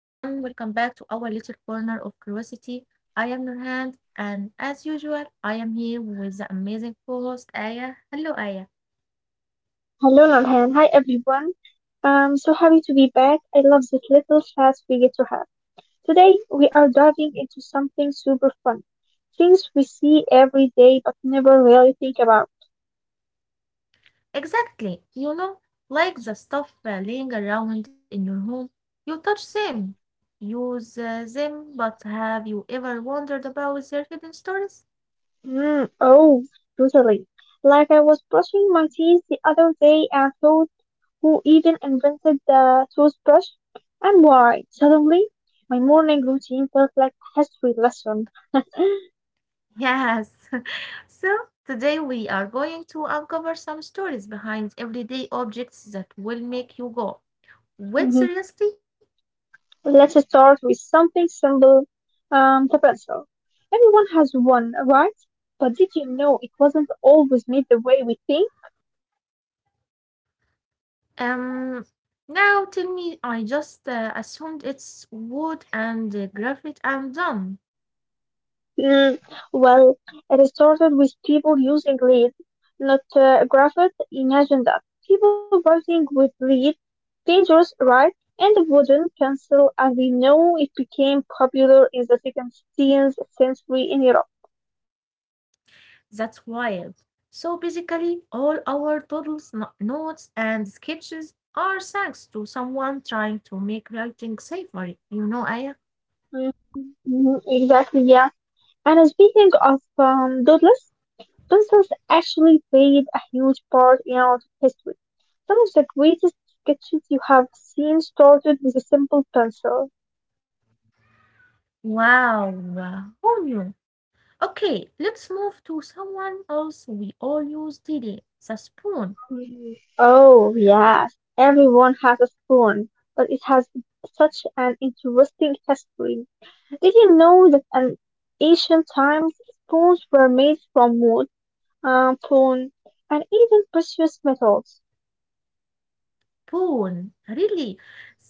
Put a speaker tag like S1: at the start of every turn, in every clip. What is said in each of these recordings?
S1: welcome back to our little corner of curiosity. I am Nurhan and, as usual, I am here with the amazing co-host Aya. Hello Aya.
S2: Hello, Nordhan. Hi, everyone. I'm so happy to be back. I love this little chats we get to have. Today, we are diving into something super fun. Things we see every day but never really think about.
S1: Exactly, you know, like the stuff laying around in your home, you touch them, use them, but have you ever wondered about their hidden stories?
S2: Mm, oh, totally. Like I was brushing my teeth the other day and thought, who even invented the toothbrush and why? Suddenly, my morning routine felt like a history lesson.
S1: Yes. So today we are going to uncover some stories behind everyday objects that will make you go. Wait, seriously?
S2: Let's start with something simple. The pencil. Everyone has one, right? But did you know it wasn't always made the way we think?
S1: Um, Now tell me, I just assumed it's wood and graphite and done.
S2: Mm, well, it started with people using lead, not graphite. Imagine that. People writing with lead, dangerous, right? And the wooden pencil, as we know, it became popular in the 16th century in Europe.
S1: That's wild. So basically, all our doodles, notes, and sketches are thanks to someone trying to make writing safer, you know, Aya?
S2: Mhm, mhm, exactly, yeah. And speaking of doodles, pencils actually played a huge part in art history. Some of the greatest sketches you have seen started with a simple pencil.
S1: Wow, who knew? Okay, let's move to someone else we all use daily, the spoon.
S2: Oh, yes, everyone has a spoon, but it has such an interesting history. Did you know that in ancient times, spoons were made from wood, stone, and even precious metals?
S1: Spoon, really?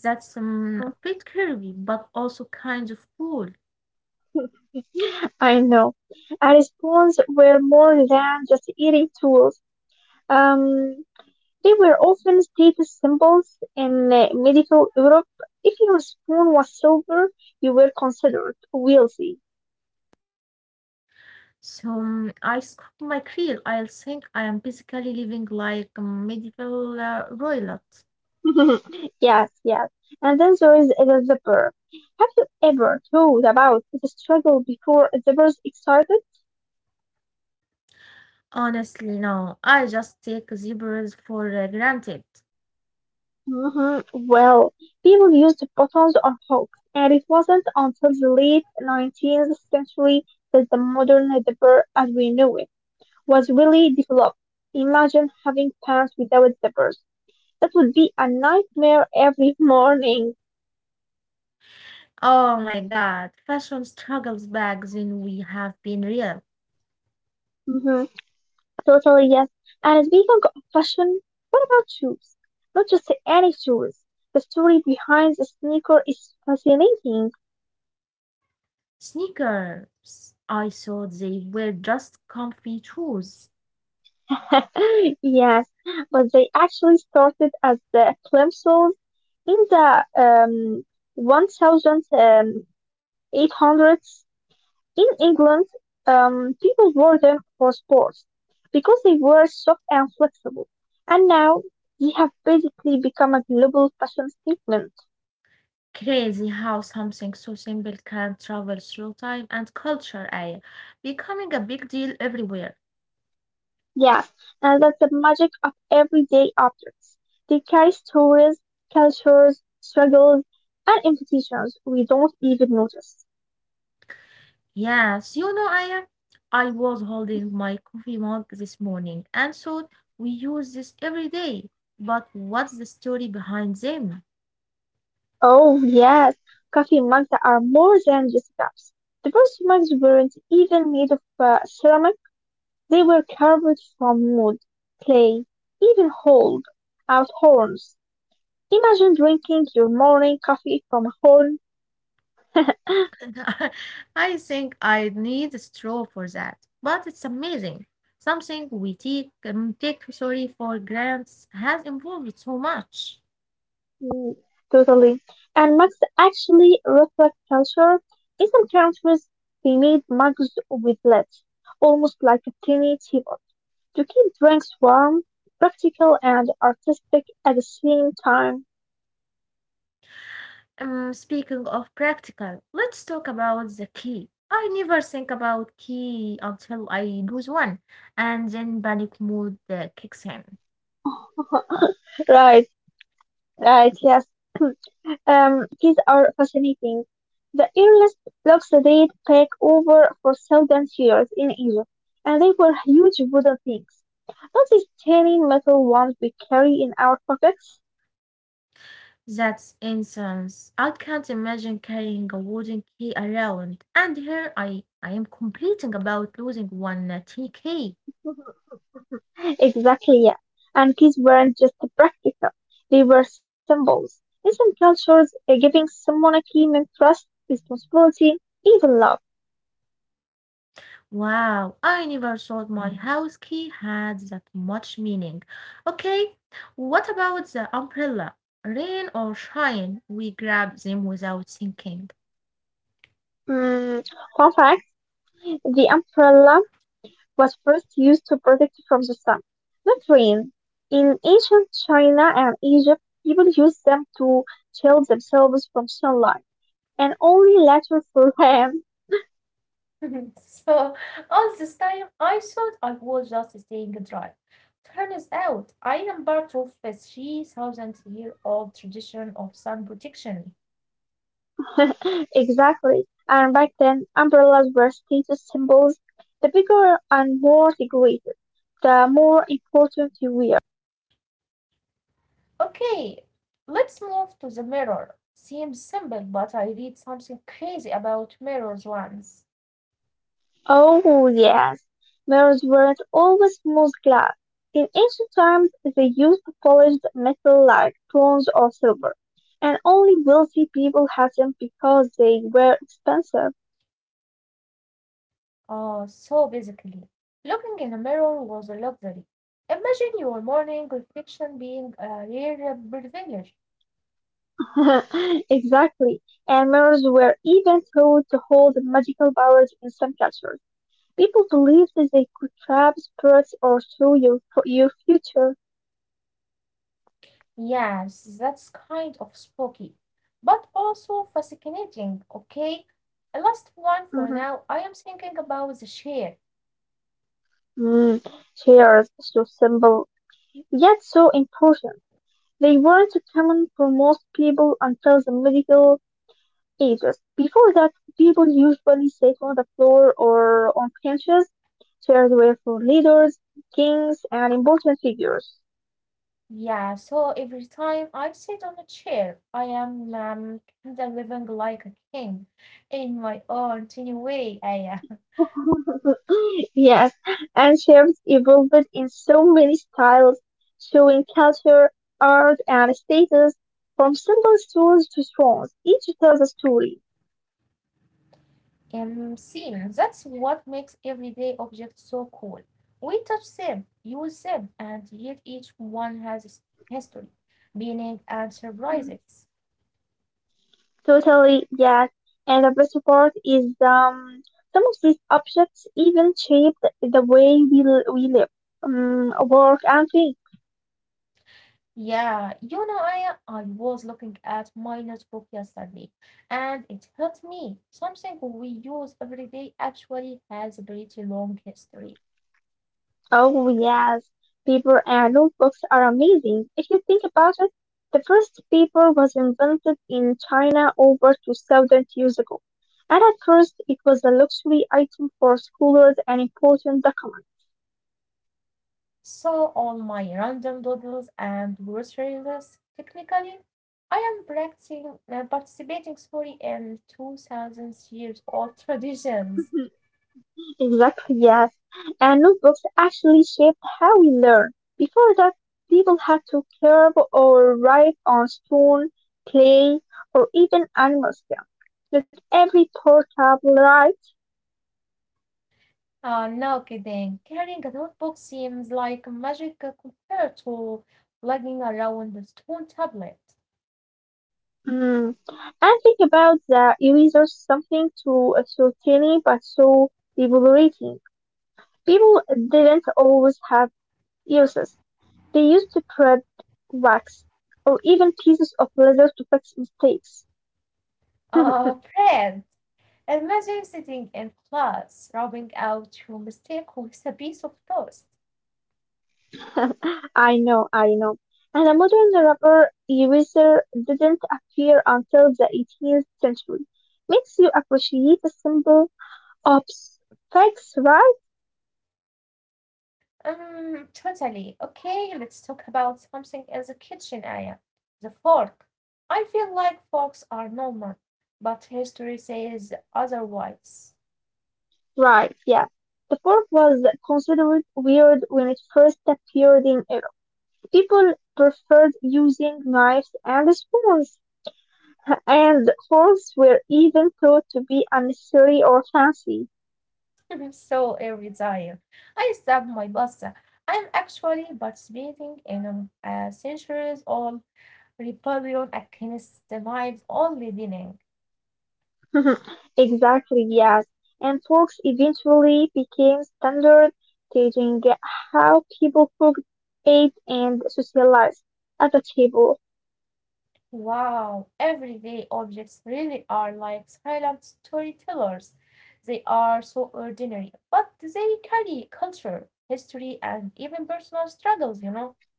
S1: That's a
S2: Mhm.
S1: bit curvy, but also kind of cool.
S2: I know. And spoons were more than just eating tools. Um, They were often status symbols in medieval Europe. If your spoon was silver, you were considered wealthy.
S1: So I scoop my krill. I'll think I am basically living like a medieval royalty.
S2: Yes, yes. And then there is the zipper. Have you ever thought about the struggle before zippers excited?
S1: Honestly, no. I just take zebras for granted.
S2: Well, people used buttons or hooks, and it wasn't until the late 19th century that the modern zipper as we know it was really developed. Imagine having pants without zippers. That would be a nightmare every morning.
S1: Oh my God, fashion struggles back then we have been real.
S2: hmm Totally, yes. And speaking of fashion, what about shoes? Not just any shoes. The story behind the sneaker is fascinating.
S1: Sneakers. I thought they were just comfy shoes.
S2: Yes, but they actually started as the plimsolls in the um, 1800s in England, people wore them for sports because they were soft and flexible. And now they have basically become a global fashion statement.
S1: Crazy how something so simple can travel through time and culture, eh, becoming a big deal everywhere.
S2: Yes, and that's the magic of everyday objects. They carry stories, cultures, struggles, and invitations we don't even notice.
S1: Yes, you know, I am. I was holding
S2: Mhm.
S1: my coffee mug this morning and thought we use this every day. But what's the story behind them?
S2: Oh, yes, coffee mugs that are more than just cups. The first mugs weren't even made of ceramic. They were carved from wood, clay, even hollowed out horns. Imagine drinking your morning coffee from a horn.
S1: I think I need a straw for that. But it's amazing. Something we take , sorry, for grants has evolved so much.
S2: Mm, Totally. And mugs actually reflect culture. In some countries, they made mugs with lead, almost like a tiny teapot, to keep drinks warm, practical, and artistic at the same time.
S1: Speaking of practical, let's talk about the key. I never think about key until I lose one and then panic mode kicks in.
S2: Right, right, yes. These are fascinating. The earliest blocks date back over 4,000 years in Egypt, and they were huge wooden things, not these tiny metal ones we carry in our pockets.
S1: That's incense. I can't imagine carrying a wooden key around. And here I am complaining about losing one tea key.
S2: Exactly, yeah. And keys weren't just practical, they were symbols. In some cultures, giving someone a key meant trust, responsibility, even love.
S1: Wow, I never thought my house key had that much meaning. Okay, what about the umbrella? Rain or shine, we grab them without thinking.
S2: Mm, Fun fact, the emperor was first used to protect from the sun, not rain. In ancient China and Egypt, people used them to shield themselves from sunlight, and only later for rain.
S1: So all this time I thought I was just staying dry. Turns out I am part of a 3,000 year old tradition of sun protection.
S2: Exactly. And back then, umbrellas were status symbols. The bigger and more decorated, the more important you were.
S1: Okay, let's move to the mirror. Seems simple, but I read something crazy about mirrors once.
S2: Oh, yes. Mirrors weren't always smooth glass. In ancient times, they used polished metal like bronze or silver, and only wealthy people had them because they were expensive.
S1: Oh, so basically, looking in a mirror was a luxury. Imagine your morning reflection being a rare privilege.
S2: Exactly. And mirrors were even thought to hold magical powers in some cultures. People believed that they could trap spirits or show your future.
S1: Yes, that's kind of spooky, but also fascinating. Okay, a last one for now.
S2: Mhm.
S1: I am thinking about the chair.
S2: Mm. Shares so simple, yet so important. They weren't common for most people until the medieval ages. Before that, people usually sat on the floor or on benches. Chairs were for leaders, kings, and important figures.
S1: Yeah, so every time I sit on a chair, I am kind of living like a king in my own tiny way. I
S2: Yes, and chefs evolved in so many styles, showing culture, art, and status from simple stools to thrones. Each tells a story.
S1: am seen. That's what makes everyday objects so cool. We touch them, use them, and yet each one has history, meaning, and surprises.
S2: Totally, yes. And the best part is some of these objects even shape the way we live, work, and think.
S1: Yeah, you know, I was looking at my notebook yesterday, and it hit me. Something we use every day actually has a pretty long history.
S2: Oh, yes. Paper and notebooks are amazing. If you think about it, the first paper was invented in China over 2000 years ago. And at first, it was a luxury item for scholars and important documents.
S1: So all my random doodles and grocery lists, technically, I am practicing participating, sorry, in 2,000 years old traditions.
S2: Exactly, yes. And notebooks actually shaped how we learn. Before that, people had to carve or write on stone, clay, or even animal skin. Not every portable right.
S1: No kidding. Carrying a notebook seems like magic compared to lugging around a stone tablet.
S2: Mm. And think about the eraser something to a so tiny but so liberating. People didn't always have erasers. They used to print wax or even pieces of leather to fix mistakes.
S1: Fred. Imagine sitting in class, rubbing out your mistake with a piece of toast.
S2: I know, I know. And the modern rubber eraser didn't appear until the 18th century. Makes you appreciate the simple ops, right?
S1: Totally. Okay, let's talk about something in the kitchen, Aya. The fork. I feel like forks are normal, but history says otherwise.
S2: Right, yeah. The fork was considered weird when it first appeared in Europe. People preferred using knives and spoons, and forks were even thought to be unnecessary or fancy.
S1: So every time I stab my pasta, I'm actually participating in a centuries old rebellion against the knives only dinner.
S2: Exactly, yes. And forks eventually became standard, teaching how people cooked, ate, and socialized at the table.
S1: Wow, everyday objects really are like silent storytellers. They are so ordinary, but they carry culture, history, and even personal struggles, you know?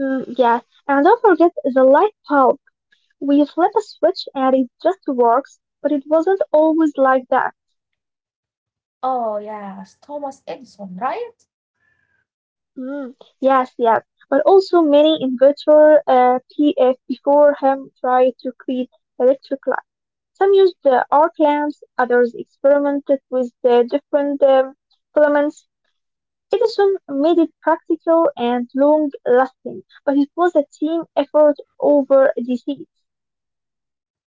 S2: Yes. And don't forget the light bulb. We flip a switch and it just works, but it wasn't always like that.
S1: Oh, yes, Thomas Edison, right?
S2: Mm, yes, yes. But also many inventors P. F. before him tried to create electric. Some used arc lamps, others experimented with the different filaments. Edison made it practical and long-lasting, but it was a team effort over decades.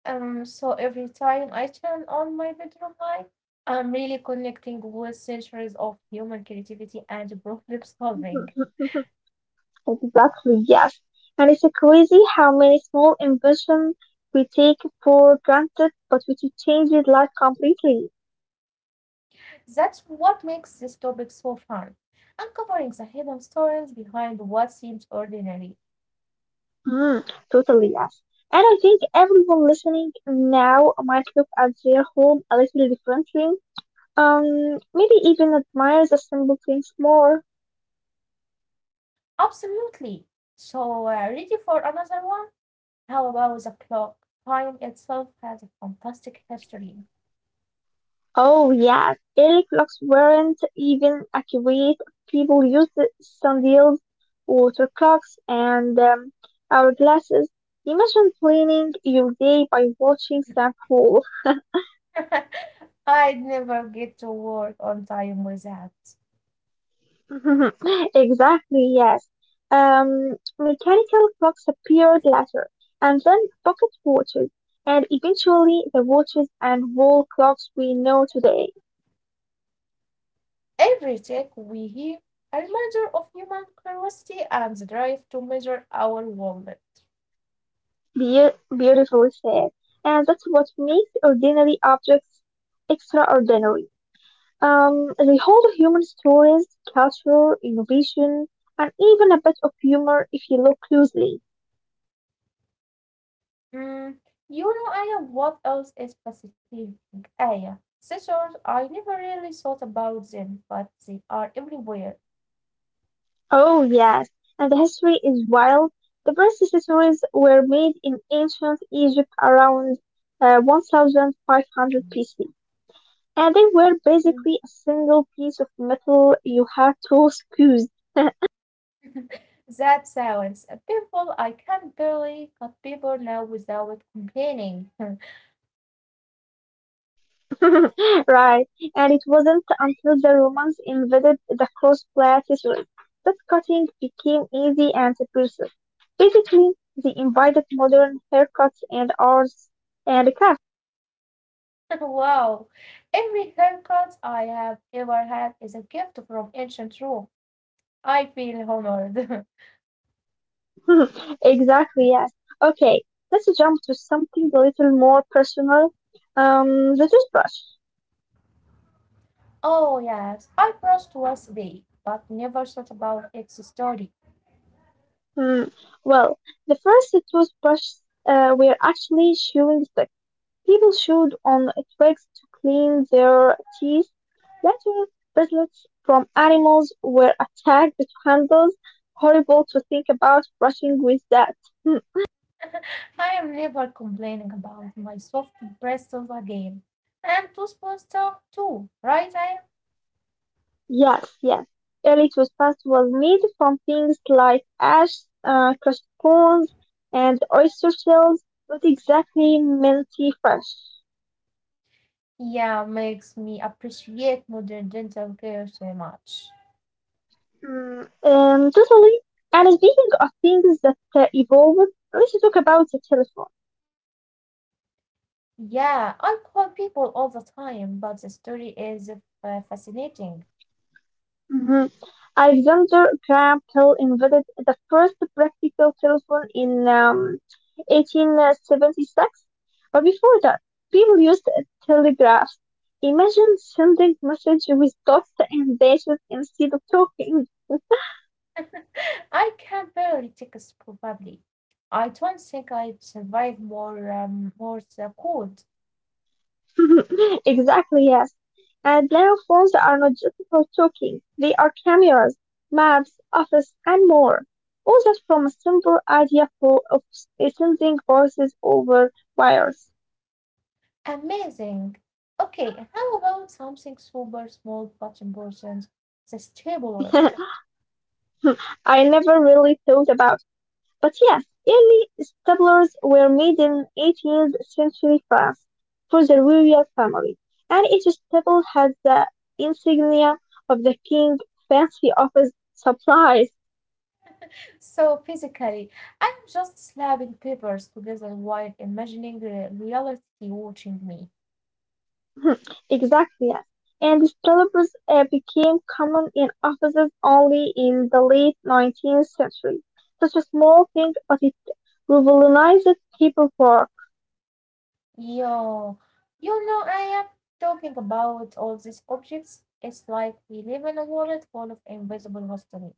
S1: So every time I turn on my bedroom light, I'm really connecting with centuries of human creativity and problem solving.
S2: Exactly, yes. And it's crazy how many small inventions we take for granted, but which changes life completely.
S1: That's what makes this topic so fun, uncovering the hidden stories behind what seems ordinary.
S2: Mm, Totally, yes. And I think everyone listening now might look at their home a little differently. Maybe even admires the simple things more.
S1: Absolutely. So, ready for another one? How about the clock? Time itself has a fantastic history.
S2: Oh yeah, early clocks weren't even accurate. People used sundials, water clocks, and hourglasses. Imagine planning your day by watching sunfall.
S1: I'd never get to work on time with that.
S2: Exactly, yes. Mechanical clocks appeared later, and then pocket watches, and eventually the watches and wall clocks we know today.
S1: Every tick we hear, a reminder of human curiosity and the drive to measure our wallet.
S2: Be- Beautifully said. And that's what makes ordinary objects extraordinary. They hold human stories, culture, innovation, and even a bit of humor if you look closely.
S1: Mm, you know, Aya, what else is fascinating? Aya, scissors, I never really thought about them, but they are everywhere.
S2: Oh, yes, and the history is wild. The first accessories were made in ancient Egypt around 1500 BC, and they were
S1: Hmm.
S2: basically a single piece of metal you had to squeeze.
S1: That sounds painful. I can barely cut paper now without complaining.
S2: Right, and it wasn't until the Romans invaded the cross-platitude that cutting became easy and precise. Basically, they invited modern haircuts and arts and crafts.
S1: Wow, every haircut I have ever had is a gift from ancient Rome. I feel honored.
S2: Exactly, yes. Okay, let's jump to something a little more personal. The toothbrush.
S1: Oh, yes, I brushed once a day, but never thought about its story.
S2: Hmm. Well, the first toothbrush were actually chewing sticks. People chewed on twigs to clean their teeth. Later, piglets from animals were attacked with handles. Horrible to think about brushing with that. Hmm.
S1: I am never complaining about my soft bristles again. And toothpaste stuff too, right? I
S2: Yes, yes. Early toothpaste was made from things like ash, crushed bones, and oyster shells, not exactly minty fresh.
S1: yeah, makes me appreciate modern dental care so much.
S2: Totally. And speaking of things that evolved, let's talk about the telephone.
S1: Yeah, I quote people all the time, but the story is fascinating.
S2: Mhm. Alexander Graham Bell invented the first practical telephone in 1876, but before that, people used telegraphs. Imagine sending message with dots and dashes instead of talking.
S1: I can barely take a sp- probably. I don't think I'd survive more cold.
S2: Exactly, yes. And now phones are not just for talking, they are cameras, maps, office, and more. All that from a simple idea for of sending voices over wires.
S1: Amazing. Okay, how about something super small but important? The stapler.
S2: I never really thought about. But yes, early staplers were made in 18th century France for the royal family, and each staple had the insignia of the king, fancy office supplies.
S1: So physically, I'm just slapping papers together while imagining the reality watching me.
S2: Exactly, yes. And staples became common in offices only in the late 19th century. Such a small thing, but it revolutionized people for.
S1: Yo, you know, I am talking about all these objects. It's like we live in a world full of invisible history.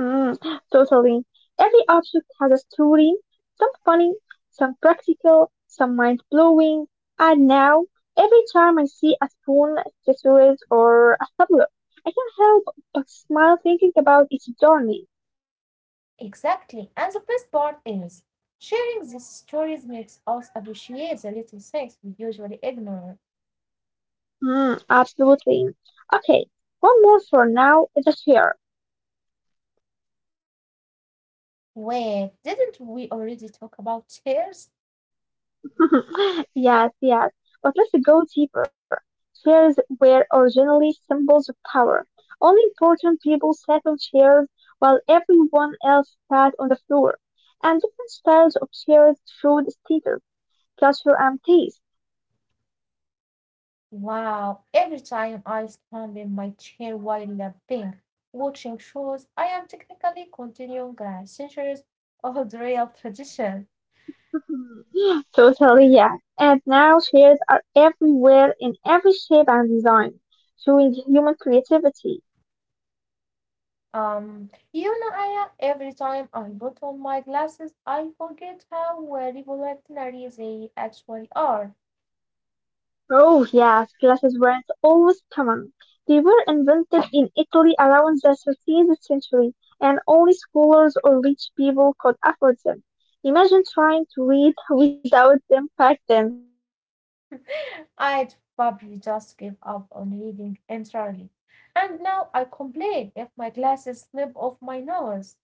S2: Mm, Totally. Every object has a story, some funny, some practical, some mind-blowing. And now, every time I see a spoon, accessories, or a tablet, I can't help but smile thinking about its journey.
S1: Exactly. And the best part is sharing these stories makes us appreciate the little things we usually ignore.
S2: Absolutely. Okay, one more for now is a chair.
S1: Wait, didn't we already talk about chairs?
S2: Yes, yes. But let's go deeper. Chairs were originally symbols of power. Only important people sat on chairs while everyone else sat on the floor. And different styles of chairs showed status, culture, and taste.
S1: Wow, every time I stand in my chair while napping, watching shows, I am technically continuing a centuries old real tradition.
S2: Totally, yeah. And now chairs are everywhere in every shape and design, showing human creativity.
S1: You know, Aya, every time I put on my glasses, I forget how revolutionary they actually are.
S2: Oh yes, glasses weren't always common. They were invented in Italy around the 13th century, and only scholars or rich people could afford them. Imagine trying to read without them back then.
S1: I'd probably just give up on reading entirely. And now I complain if my glasses slip off my nose.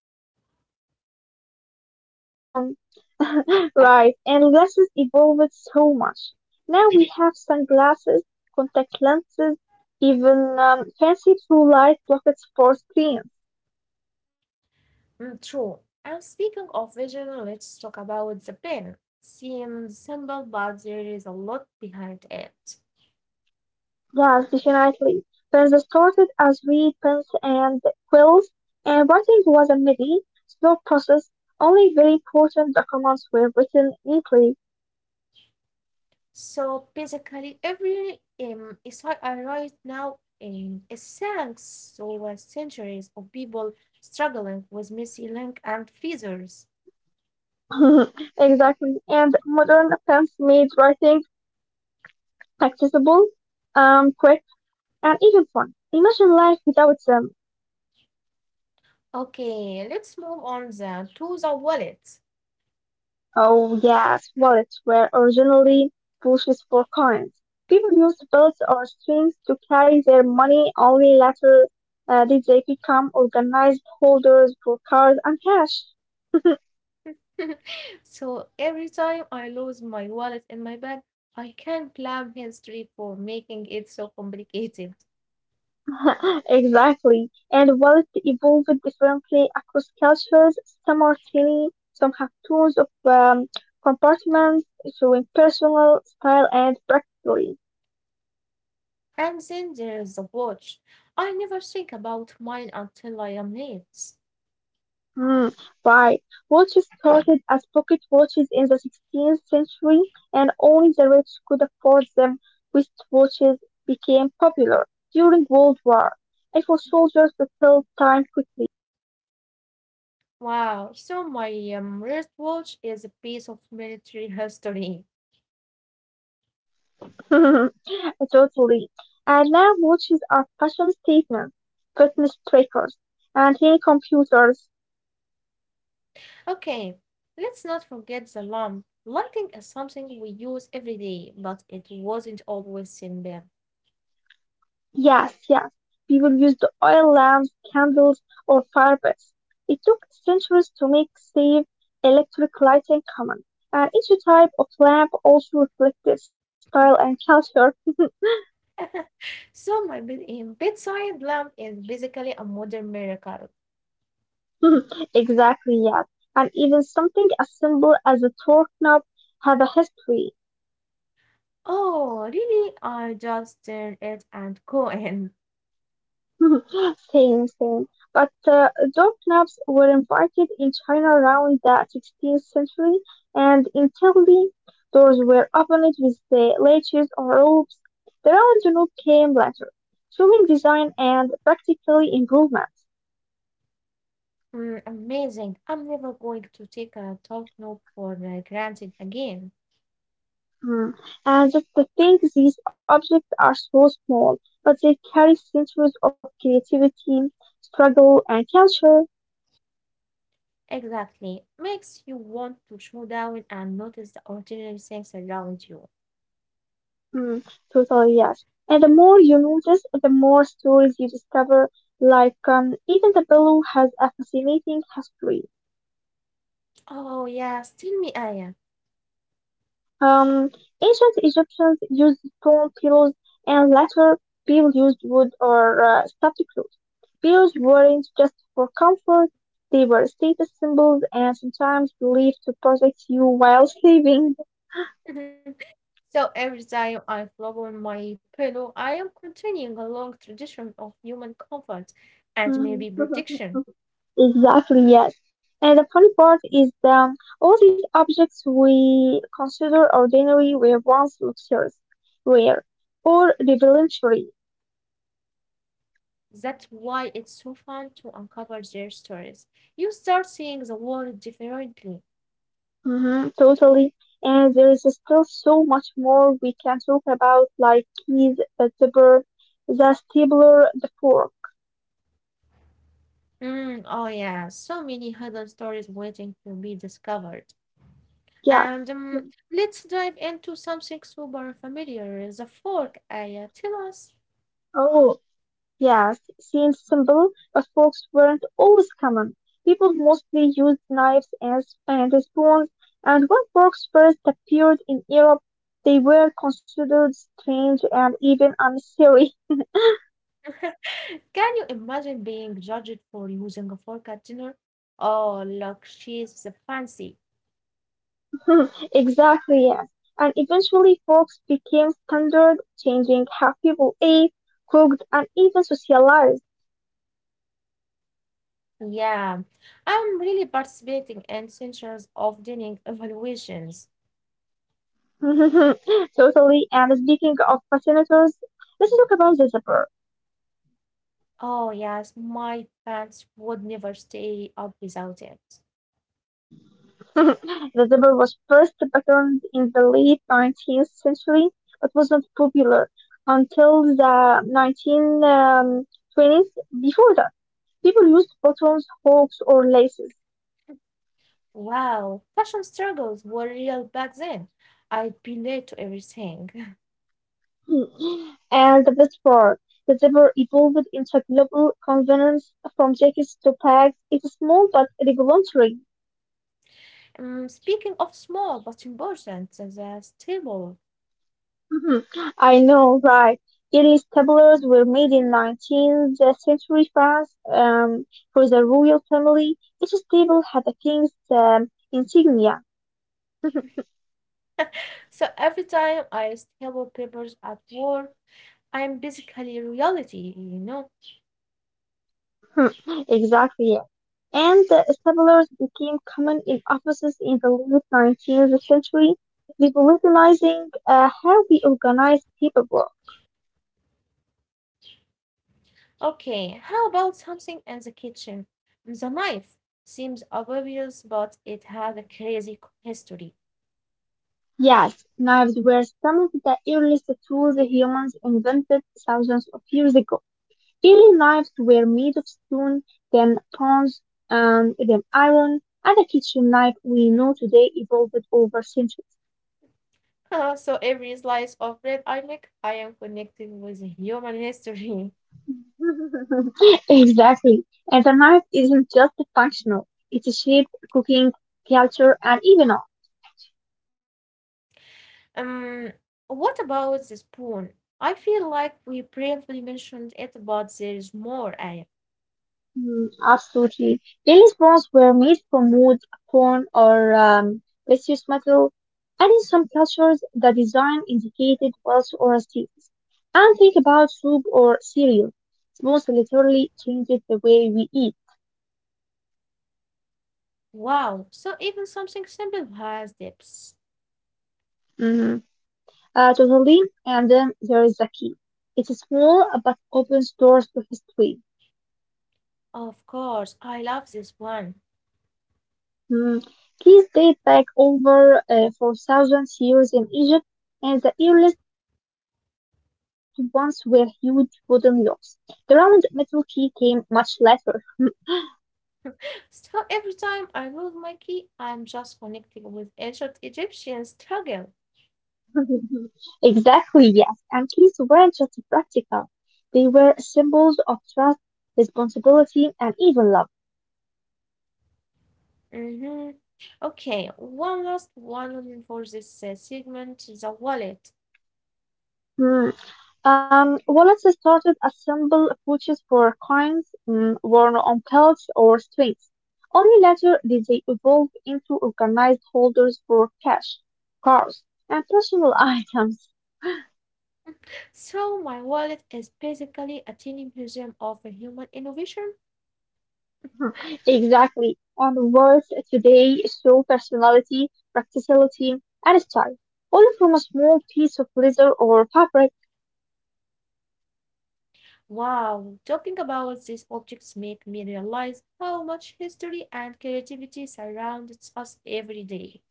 S2: Um, right, and glasses evolved so much. Now we have sunglasses, contact lenses, even fancy blue light blockers for screens.
S1: Mm, true. And speaking of vision, let's talk about the pen. Seems simple, but there is a lot behind it.
S2: Yes, definitely. Pens started as reed pens and quills, and writing was a midi, slow process. Only very important documents were written neatly.
S1: So basically, every is what I write now is thanks to centuries of people struggling with messy link and feathers.
S2: Exactly. And modern pens made writing accessible, quick, and even fun. Imagine life without them.
S1: Okay, let's move on then to the wallet.
S2: Oh yes, wallets were originally bushes for coins. People used belts or strings to carry their money. Only later did they become organized holders for cards and cash.
S1: So every time I lose my wallet in my bag, I can blame history for making it so complicated.
S2: Exactly. And wallets evolved differently across cultures. Some are tiny, some have tons of compartments showing personal style and practically.
S1: And then there is the watch. I never think about mine until I am late.
S2: Mm, right. Watches started as pocket watches in the 16th century, and only the rich could afford them. Wristwatches became popular during World War, and for soldiers to kill time quickly.
S1: Wow, so my wristwatch is a piece of military history.
S2: totally. And now watches are fashion statements, fitness trackers, and hidden computers.
S1: Okay, let's not forget the lamp. Lighting is something we use every day, but it wasn't always simple.
S2: Yes, yes. People used oil lamps, candles, or fire pits. It took centuries to make safe electric lighting common, and each type of lamp also reflected style and culture.
S1: So my bedside lamp is basically a modern miracle.
S2: exactly, yes. And even something as simple as a torque knob have a history.
S1: Oh, really? I just turn it and go in.
S2: same, same. But door knobs were invited in China around the 16th century, and in Italy, doors were opened with the latches or ropes. The round knob came later, showing design and practical improvements.
S1: Mm, amazing. I'm never going to take a talk note for granted again.
S2: Hmm. And just to think, these objects are so small, but they carry centuries of creativity, struggle, and culture.
S1: Exactly. Makes you want to slow down and notice the ordinary things around you.
S2: Mm, totally, yes. And the more you notice, the more stories you discover. Like, even the pillow has a fascinating history.
S1: Oh, yes. Tell me, Aya.
S2: Um, ancient Egyptians used stone pillows, and later people used wood or stuffed clothes. Pillows weren't just for comfort; they were status symbols and sometimes believed to protect you while sleeping.
S1: So every time I flop on my pillow, I am continuing a long tradition of human comfort and maybe protection.
S2: Exactly, yes. And the funny part is that all these objects we consider ordinary were once luxurious, rare, or revelatory.
S1: That's why it's so fun to uncover their stories. You start seeing the world differently.
S2: Hmm, totally. And there is still so much more we can talk about, like keys, the zipper, the stapler, the fork.
S1: Mm, oh, yeah, so many hidden stories waiting to be discovered.
S2: Yes,
S1: And
S2: yes.
S1: let's dive into something super familiar, the fork, Aya. Tell us.
S2: Oh, yes, seems simple, but forks weren't always common. People mostly used knives and and spoons, and when forks first appeared in Europe, they were considered strange and even unnecessary.
S1: Can you imagine being judged for using a fork at dinner? Oh, look, she's fancy.
S2: exactly, yes. And eventually, forks became standard, changing how people ate, cooked, and even socialized.
S1: Yeah, I'm really participating in centuries of dining evaluations.
S2: totally. And speaking of fascinators, let's talk about the zipper.
S1: Oh, yes, my pants would never stay up without it.
S2: The zebra was first patterned in the late 19th century, but was not popular until the 1920s. Before that, people used buttons, hooks, or laces.
S1: Wow, fashion struggles were real back then. I'd be late to everything.
S2: Hmm. And the best part, the zebra evolved into global convenience from jackets to bags. It's small but revolutionary.
S1: Speaking of small but important, the stable.
S2: Mhm. I know, right? Earliest tableaus were made in 19th century France for the royal family. Each table had a king's insignia.
S1: So every time I staple papers at work, I'm basically reality, you know.
S2: Hmm, exactly, yeah. And the tableaus became common in offices in the late 19th century, revolutionizing how we organize people.
S1: Okay, how about something in the kitchen? The knife seems obvious, but it has a crazy history.
S2: Yes, knives were some of the earliest tools humans invented thousands of years ago. Daily knives were made of stone, then bronze, and then iron, and the kitchen knife we know today evolved over centuries.
S1: So every slice of red I make, I am connecting with human history.
S2: Exactly. And the knife isn't just functional, it's shaped cooking, culture, and even art.
S1: Um, what about the spoon? I feel like we briefly mentioned it, but there is more, Aya.
S2: Mm, absolutely. Daily spoons were made from wood, corn, or precious metal, and in some cultures, the design indicated wealth or status. And think about soup or cereal. Spoons literally changed the way we eat.
S1: Wow, so even something simple has depths.
S2: Mm-hmm. Totally. And then there is the key. It's small but opens doors to history.
S1: Of course, I love this one.
S2: Mm, keys date back over 4,000 years in Egypt, and the earliest ones were huge wooden locks. The round metal key came much later.
S1: So every time I lose my key, I'm just connecting with ancient Egyptian struggle.
S2: Exactly, yes. And keys weren't just practical, they were symbols of trust, responsibility, and even love.
S1: hmm Okay, one last one for this segment, the wallet.
S2: Hmm. Wallets started as simple pouches for coins, mm, worn on belts or strings. Only later did they evolve into organized holders for cash, cars, and personal items.
S1: So my wallet is basically a tiny museum of human innovation.
S2: Exactly. And wallets today show personality, practicality, and style, all from a small piece of leather or fabric.
S1: Wow, talking about these objects make me realize how much history and creativity surrounds us every day.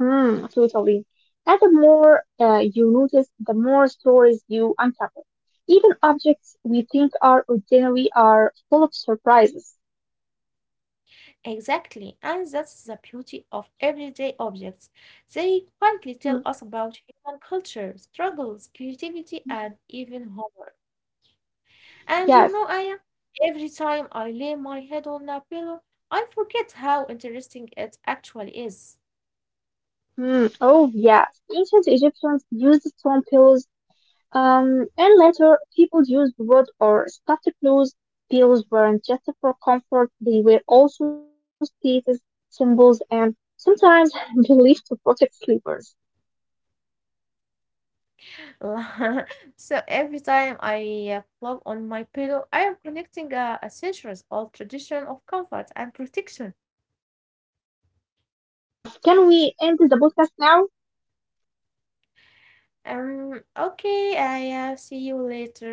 S2: Mm, totally. And the more you notice, the more stories you uncover. Even objects we think are ordinary are full of surprises.
S1: Exactly, and that's the beauty of everyday objects. They quietly tell
S2: Mm,
S1: us about human culture, struggles, creativity, and even humor. And you know,
S2: yes.
S1: Aya, every time I lay my head on a pillow, I forget how interesting it actually is.
S2: Mm, oh, yes. Ancient Egyptians used stone pillows, and later people used wood or stuffed clothes. Pillows weren't just for comfort; they were also status symbols and sometimes believed to protect sleepers.
S1: So every time I flop on my pillow, I am connecting a centuries old tradition of comfort and protection.
S2: Yes. Can we end the podcast now?
S1: Okay, I see you later.